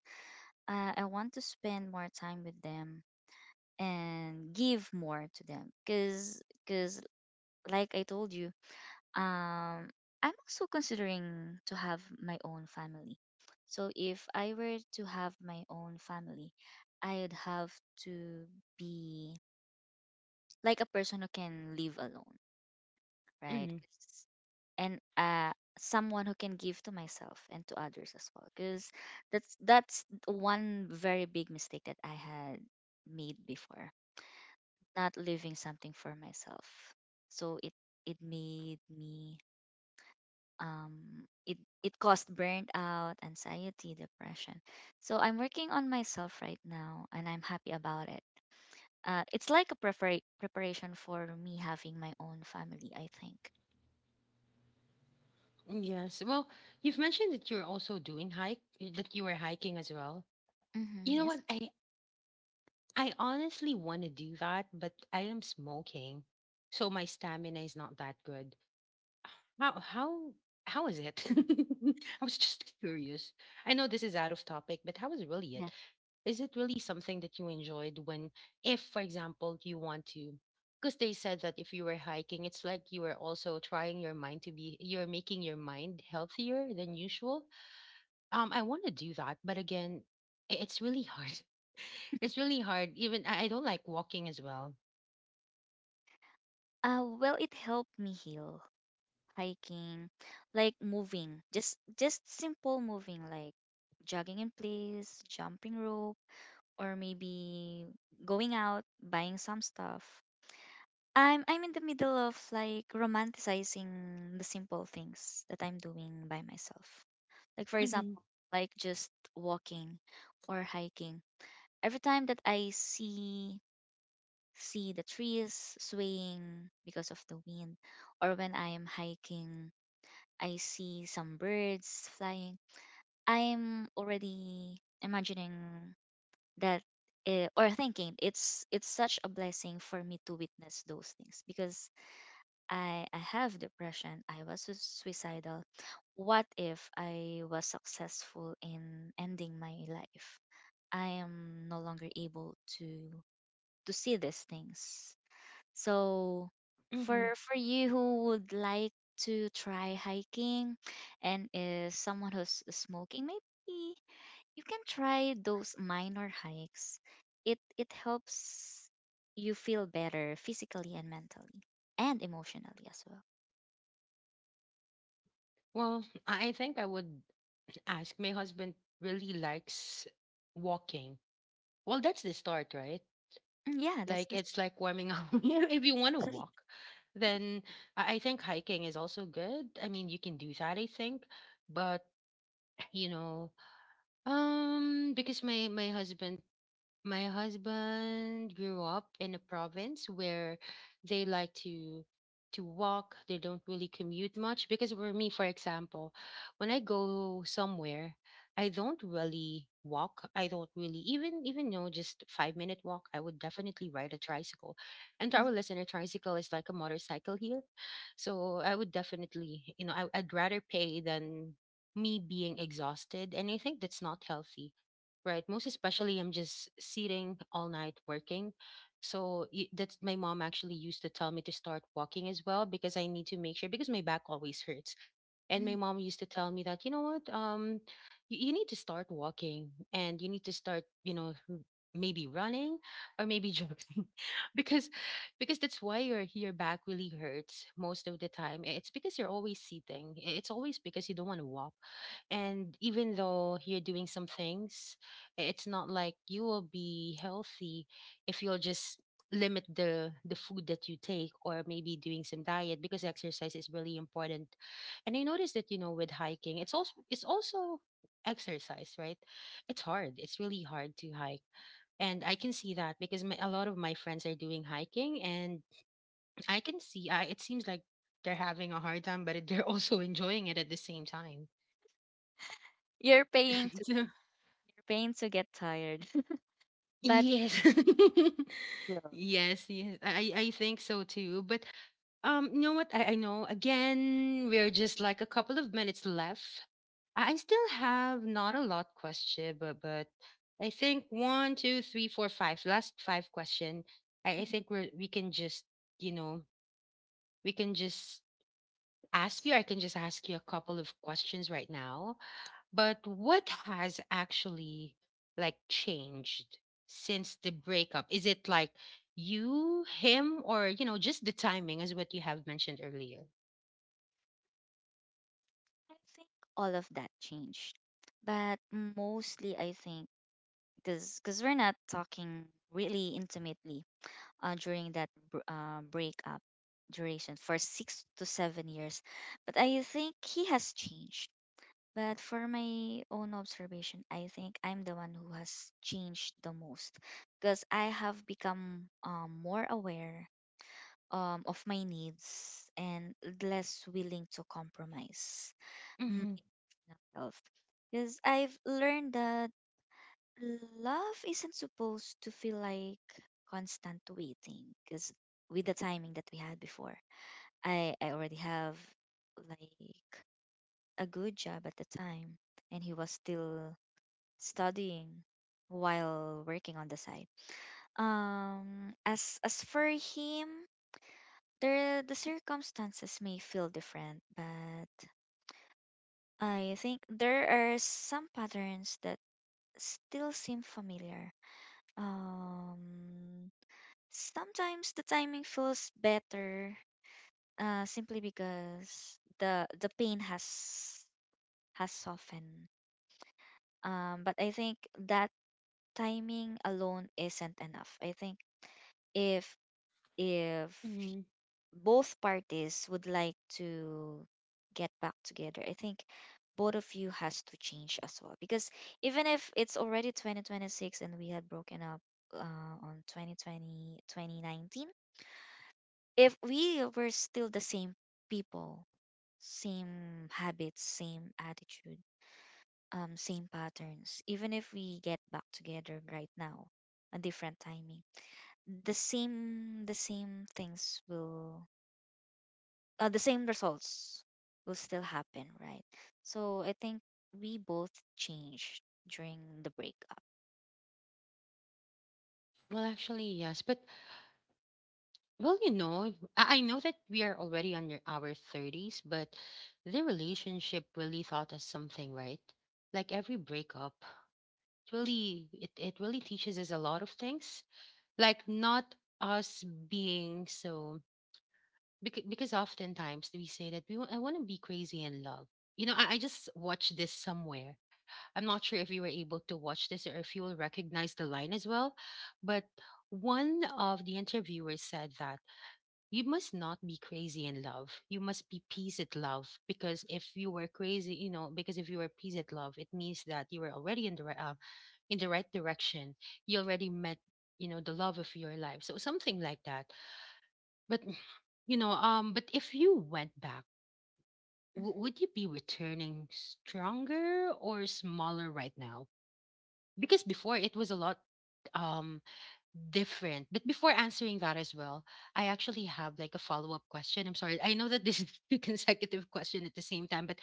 Speaker 2: I want to spend more time with them and give more to them, because like I told you, um I'm also considering to have my own family. So if I were to have my own family, I'd have to be like a person who can live alone, right? and Someone who can give to myself and to others as well, because that's one very big mistake that I had made before, not leaving something for myself. So it made me, it it caused burnt out, anxiety, depression. So I'm working on myself right now and I'm happy about it. It's like a preparation for me having my own family, I think.
Speaker 1: Yes. Well, you've mentioned that you're also doing hike, that you were hiking as well.
Speaker 2: Hmm,
Speaker 1: You know
Speaker 2: yes.
Speaker 1: what? I honestly want to do that, but I am smoking, so my stamina is not that good. How how how is it? I was just curious. I know this is out of topic, but how is really it? Is it really something that you enjoyed when, if, for example, you want to? Because they said that if you were hiking, it's like you were also trying your mind to be, you're making your mind healthier than usual. I want to do that, but again, it's really hard. It's really hard. Even I don't like walking as well.
Speaker 2: Well, it helped me heal. Hiking, like moving, just simple moving, like jogging in place, jumping rope, or maybe going out, buying some stuff. I'm in the middle of like romanticizing the simple things that I'm doing by myself. Like, for
Speaker 1: Hmm.
Speaker 2: example, like just walking or hiking. Every time that I see the trees swaying because of the wind, or when I am hiking, I see some birds flying, I'm already imagining that, or thinking, it's such a blessing for me to witness those things, because I have depression, I was suicidal. What if I was successful in ending my life? I am no longer able to see these things. So
Speaker 1: Hmm.
Speaker 2: for you who would like to try hiking and is someone who's smoking, maybe you can try those minor hikes. It helps you feel better physically and mentally and emotionally as well.
Speaker 1: Well, I think I would ask. My husband really likes walking. Well, that's the start, right?
Speaker 2: Mm. Yeah, that's
Speaker 1: Like
Speaker 2: that's
Speaker 1: it's like warming up. You know, if you want to walk, then I think hiking is also good. I mean, you can do that, I think. But you know, because my husband grew up in a province where they like to walk. They don't really commute much because for me, for example, when I go somewhere, I don't really walk. I don't really even know just 5 minute walk. I would definitely ride a tricycle, and to
Speaker 2: Mm,
Speaker 1: our listener, tricycle is like a motorcycle here. So I would definitely, you know, I'd rather pay than me being exhausted, and I think that's not healthy. Right. Most especially, I'm just sitting all night working. So that's my mom actually used to tell me to start walking as well because I need to make sure because my back always hurts. And my
Speaker 2: mm.
Speaker 1: mom used to tell me that, you know what, you need to start walking and you need to start, you know, maybe running or maybe jogging because because that's why your back really hurts most of the time. It's because you're always sitting. It's always because you don't want to walk, and even though you're doing some things, it's not like you will be healthy if you'll just limit the food that you take or maybe doing some diet, because exercise is really important. And I noticed that, you know, with hiking, it's also exercise, right? It's hard. It's really hard to hike. And I can see that because a lot of my friends are doing hiking, and I can see it seems like they're having a hard time, but they're also enjoying it at the same time.
Speaker 2: You're paying to
Speaker 1: So,
Speaker 2: you're paying to get tired. But,
Speaker 1: yes.
Speaker 2: well,
Speaker 1: Yes, yes. I think so too. But you know what? I know, again, we're just like a couple of minutes left. I still have not a lot question, but I think one, two, three, four, five. Last five question. I think we can just, you know, we can just ask you. I can just ask you a couple of questions right now. But what has actually, like, changed since the breakup? Is it like you, him, or, you know, just the timing, as what you have mentioned earlier?
Speaker 2: I think all of that changed. But mostly I think, because we're not talking really intimately, during that breakup duration for 6 to 7 years. But I think he has changed. But for my own observation, I think I'm the one who has changed the most, because I have become, more aware of my needs, and less willing to compromise my
Speaker 1: Mm-hmm.
Speaker 2: health, because I've learned that love isn't supposed to feel like constant waiting. Because with the timing that we had before, I already have like a good job at the time, and he was still studying while working on the side. As for him, there the circumstances may feel different, but I think there are some patterns that still seem familiar. Um Sometimes the timing feels better, simply because the pain has softened. But I think that timing alone isn't enough. I think if if y-
Speaker 1: Mm-hmm.
Speaker 2: both parties would like to get back together, I think both of you has to change as well. Because even if it's already 2026 and we had broken up, on 2019. If we were still the same people, same habits, same attitude, same patterns, even if we get back together right now, a different timing, the same things will, the same results will still happen, right? So I think we both changed during the breakup.
Speaker 1: Well, actually, yes, but well, you know, I know that we are already under our 30s, but the relationship really taught us something, right? Like every breakup, it really it really teaches us a lot of things. Like not us being so, because oftentimes we say that I want to be crazy in love. You know, I just watched this somewhere. I'm not sure if you were able to watch this, or if you will recognize the line as well, but one of the interviewers said that you must not be crazy in love. You must be peace at love, because if you were crazy, you know, because if you were peace at love, it means that you were already in the right direction. You already met, you know, the love of your life. So something like that. But you know, but if you went back,
Speaker 2: Mhm.
Speaker 1: would you be returning stronger or smaller right now? Because before it was a lot, um, different. But before answering that as well, I actually have like a follow-up question. I'm sorry. I know that this is two consecutive question at the same time, but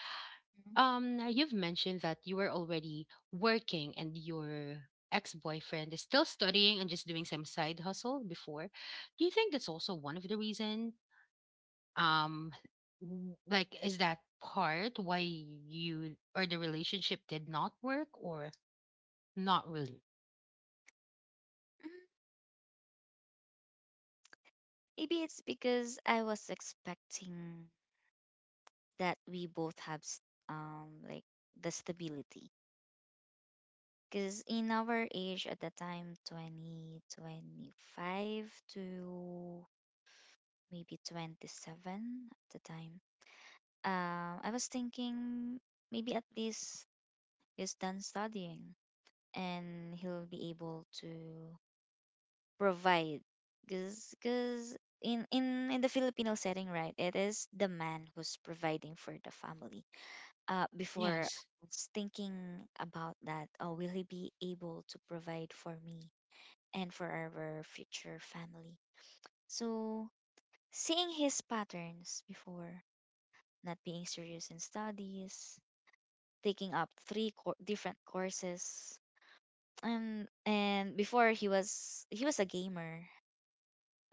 Speaker 1: you've mentioned that you were already working and your ex-boyfriend is still studying and just doing some side hustle before. Do you think that's also one of the reason, um like, is that part why you or the relationship did not work, or not really?
Speaker 2: Mhm. Maybe it's because I was expecting that we both have, um like the stability. Because in our age at the time, 2025 to maybe 27 at the time, I was thinking, maybe at least he's done studying and he'll be able to provide. Because in the Filipino setting, right, it is the man who's providing for the family. Before
Speaker 1: Yes.
Speaker 2: I was thinking about that, oh, will he be able to provide for me, and for our future family? So seeing his patterns before, not being serious in studies, taking up three cour different courses, and before he was a gamer,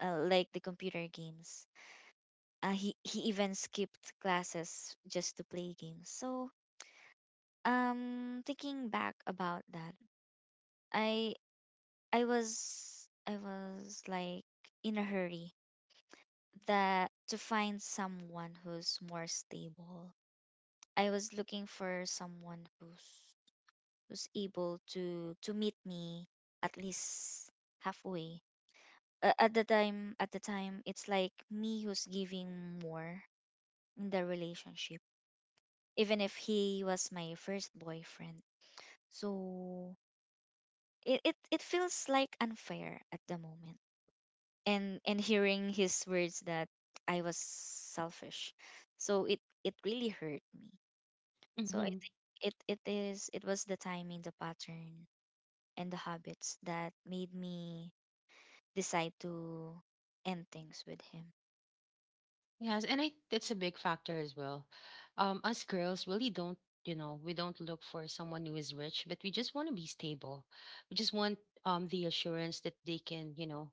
Speaker 2: like the computer games. He even skipped classes just to play games. So, thinking back about that, I I was like in a hurry that to find someone who's more stable. I was looking for someone who's able to meet me at least halfway. At the time, it's like me who's giving more in the relationship, even if he was my first boyfriend. So it feels like unfair at the moment. And hearing his words that I was selfish, so it really hurt me. So I
Speaker 1: Mhm.
Speaker 2: think it it is it was the timing, the pattern, and the habits that made me decide to end things with him.
Speaker 1: Yes, and I that's a big factor as well. Us girls really don't, you know, we don't look for someone who is rich, but we just want to be stable. We just want the assurance that they can, you know,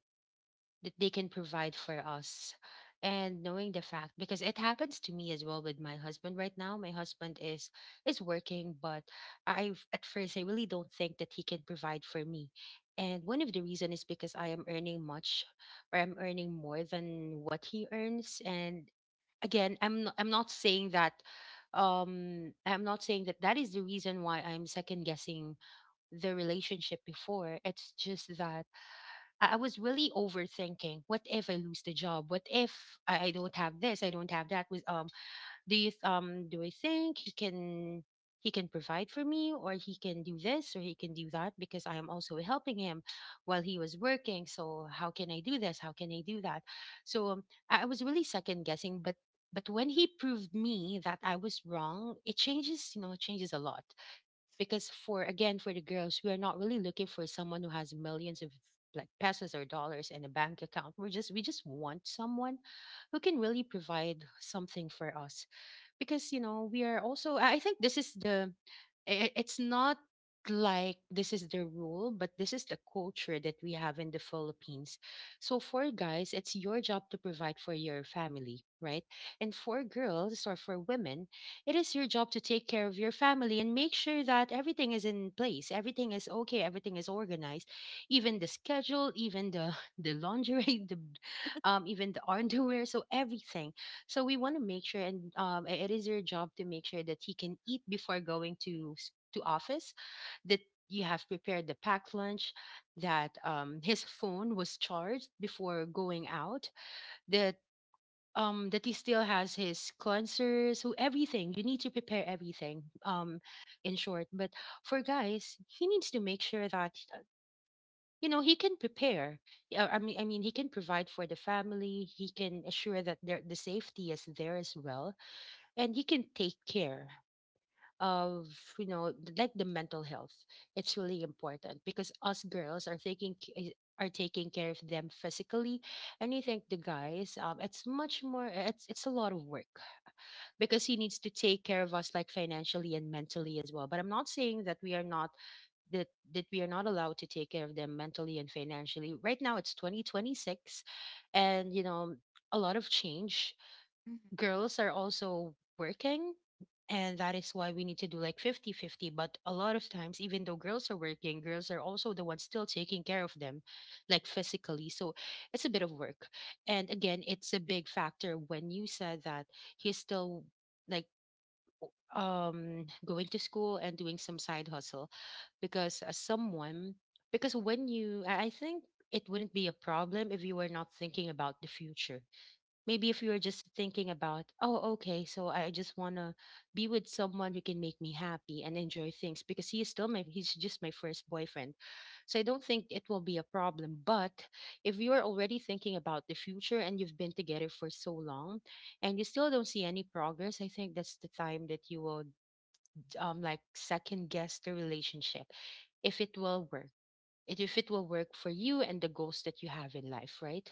Speaker 1: that they can provide for us. And knowing the fact, because it happens to me as well with my husband right now. My husband is working, but I, at first, I really don't think that he can provide for me. And one of the reason is because I am earning much, or I'm earning more than what he earns. And again, I'm not saying that, I'm not saying that that is the reason why I'm second guessing the relationship before. It's just that I I was really overthinking. What if I lose the job, what if I don't have this, I don't have that, was, do I think he can provide for me, or he can do this, or he can do that, because I am also helping him while he was working. So how can I do this, how can I do that? So I was really second guessing, but when he proved me that I was wrong, it changes, you know, it changes a lot. Because, for again, for the girls, we are not really looking for someone who has millions of like pesos or dollars in a bank account. We're just, we just want someone who can really provide something for us. Because, you know, we are also, I think this is the, it's not like this is the rule, but this is the culture that we have in the Philippines. So for guys, it's your job to provide for your family, right? And for girls, or for women, it is your job to take care of your family and make sure that everything is in place, everything is okay, everything is organized, even the schedule, even the the lingerie, the even the underwear, so everything. So we want to make sure, and it is your job to make sure that he can eat before going to to office, that you have prepared the packed lunch, that his phone was charged before going out, that that he still has his cleansers, so everything. You need to prepare everything, in short. But for guys, he needs to make sure that, you know, he can prepare. Yeah, I mean he can provide for the family, he can assure that their the safety is there as well, and he can take care of, you know, like the mental health. It's really important because us girls are are taking care of them physically. And you think the guys, it's much more, it's a lot of work, because he needs to take care of us like financially and mentally as well. But I'm not saying that we are not, that that we are not allowed to take care of them mentally and financially. Right now it's 2026, and you know, a lot of change.
Speaker 2: Hmm.
Speaker 1: Girls are also working, and that is why we need to do like 50-50. But a lot of times, even though girls are working, girls are also the ones still taking care of them, like physically. So it's a bit of work. And again, it's a big factor when you said that he's still like, going to school and doing some side hustle. Because as someone, because when you, I think it wouldn't be a problem if you were not thinking about the future. Maybe if you were just thinking about, oh, okay, so I just want to be with someone who can make me happy and enjoy things, because he is still my, he's just my first boyfriend, so I don't think it will be a problem. But if you are already thinking about the future, and you've been together for so long, and you still don't see any progress, I think that's the time that you will, like, second guess the relationship. If it will work, if it will work for you and the goals that you have in life, right?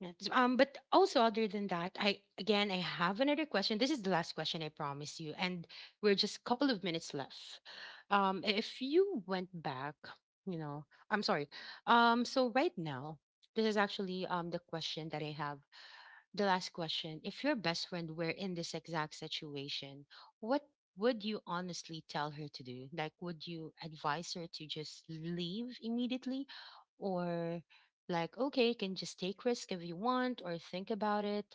Speaker 1: Yeah. So, but also, other than that, I again, I have another question. This is the last question, I promise you, and we're just a couple of minutes left. If you went back, you know, I'm sorry, so right now, this is actually the question that I have, the last question. If your best friend were in this exact situation, what would you honestly tell her to do? Like, would you advise her to just leave immediately, or like, okay, you can just take risk if you want, or think about it?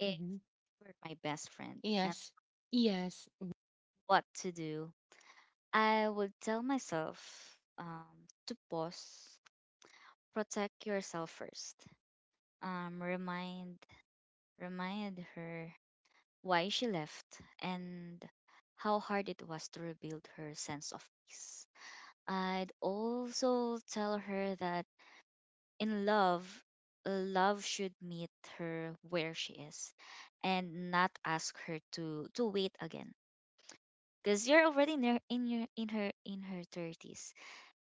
Speaker 2: If
Speaker 1: Hmm.
Speaker 2: he were my best friend and
Speaker 1: Yes. Yes.
Speaker 2: what to do, I would tell myself, to pause, protect yourself first. Um, remind remind her why she left and how hard it was to rebuild her sense of peace. I'd also tell her that in love, love should meet her where she is, and not ask her to wait again, because you're already near in your in her 30s.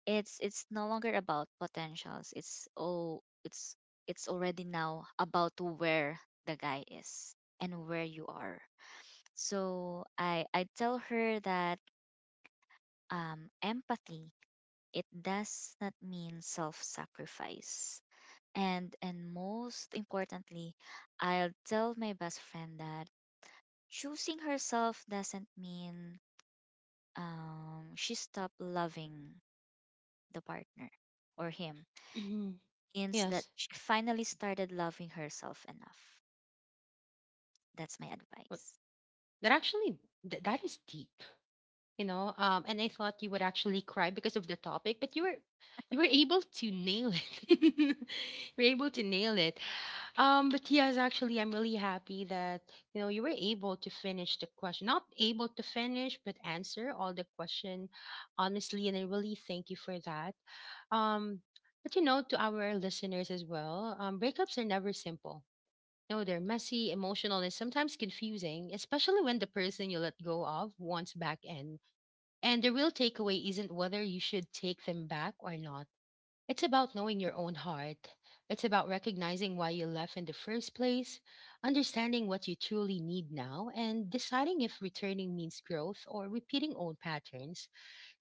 Speaker 2: It's no longer about potentials, it's already now about where the guy is and where you are. So I tell her that, empathy, it does not mean self sacrifice. And most importantly, I'll tell my best friend that choosing herself doesn't mean, she stopped loving the partner or him.
Speaker 1: Mhm.
Speaker 2: Means that
Speaker 1: Yes.
Speaker 2: she finally started loving herself enough. That's my
Speaker 1: Well,
Speaker 2: advice.
Speaker 1: that actually, that is deep, you know. And I thought you would actually cry because of the topic, but you were, you were able to nail it. You were able to nail it. But yes, actually, I'm really happy that, you know, you were able to finish the question. Not able to finish, but answer all the question honestly, and I really thank you for that. Um, but you know, to our listeners as well, breakups are never simple. No, they're messy, emotional, and sometimes confusing, especially when the person you let go of wants back in. And the real takeaway isn't whether you should take them back or not, it's about knowing your own heart. It's about recognizing why you left in the first place, understanding what you truly need now, and deciding if returning means growth or repeating old patterns.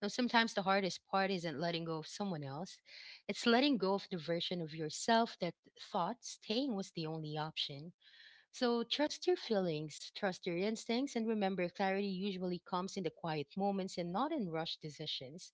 Speaker 1: Now, sometimes the hardest part isn't letting go of someone else, it's letting go of the version of yourself that thought staying was the only option. So, trust your feelings, trust your instincts, and remember, clarity usually comes in the quiet moments and not in rushed decisions.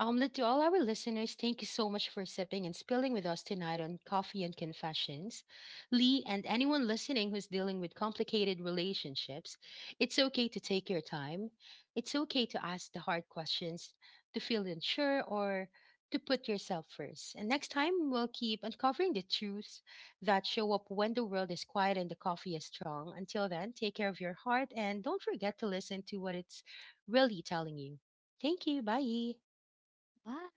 Speaker 1: Omelette, to all our listeners, thank you so much for sipping and spilling with us tonight on Coffee and Confessions. Lee, and anyone listening who's dealing with complicated relationships, it's okay to take your time. It's okay to ask the hard questions, to feel unsure, or to put yourself first. And next time, we'll keep uncovering the truths that show up when the world is quiet and the coffee is strong. Until then, take care of your heart, and don't forget to listen to what it's really telling you. Thank you. Bye.
Speaker 2: Bye.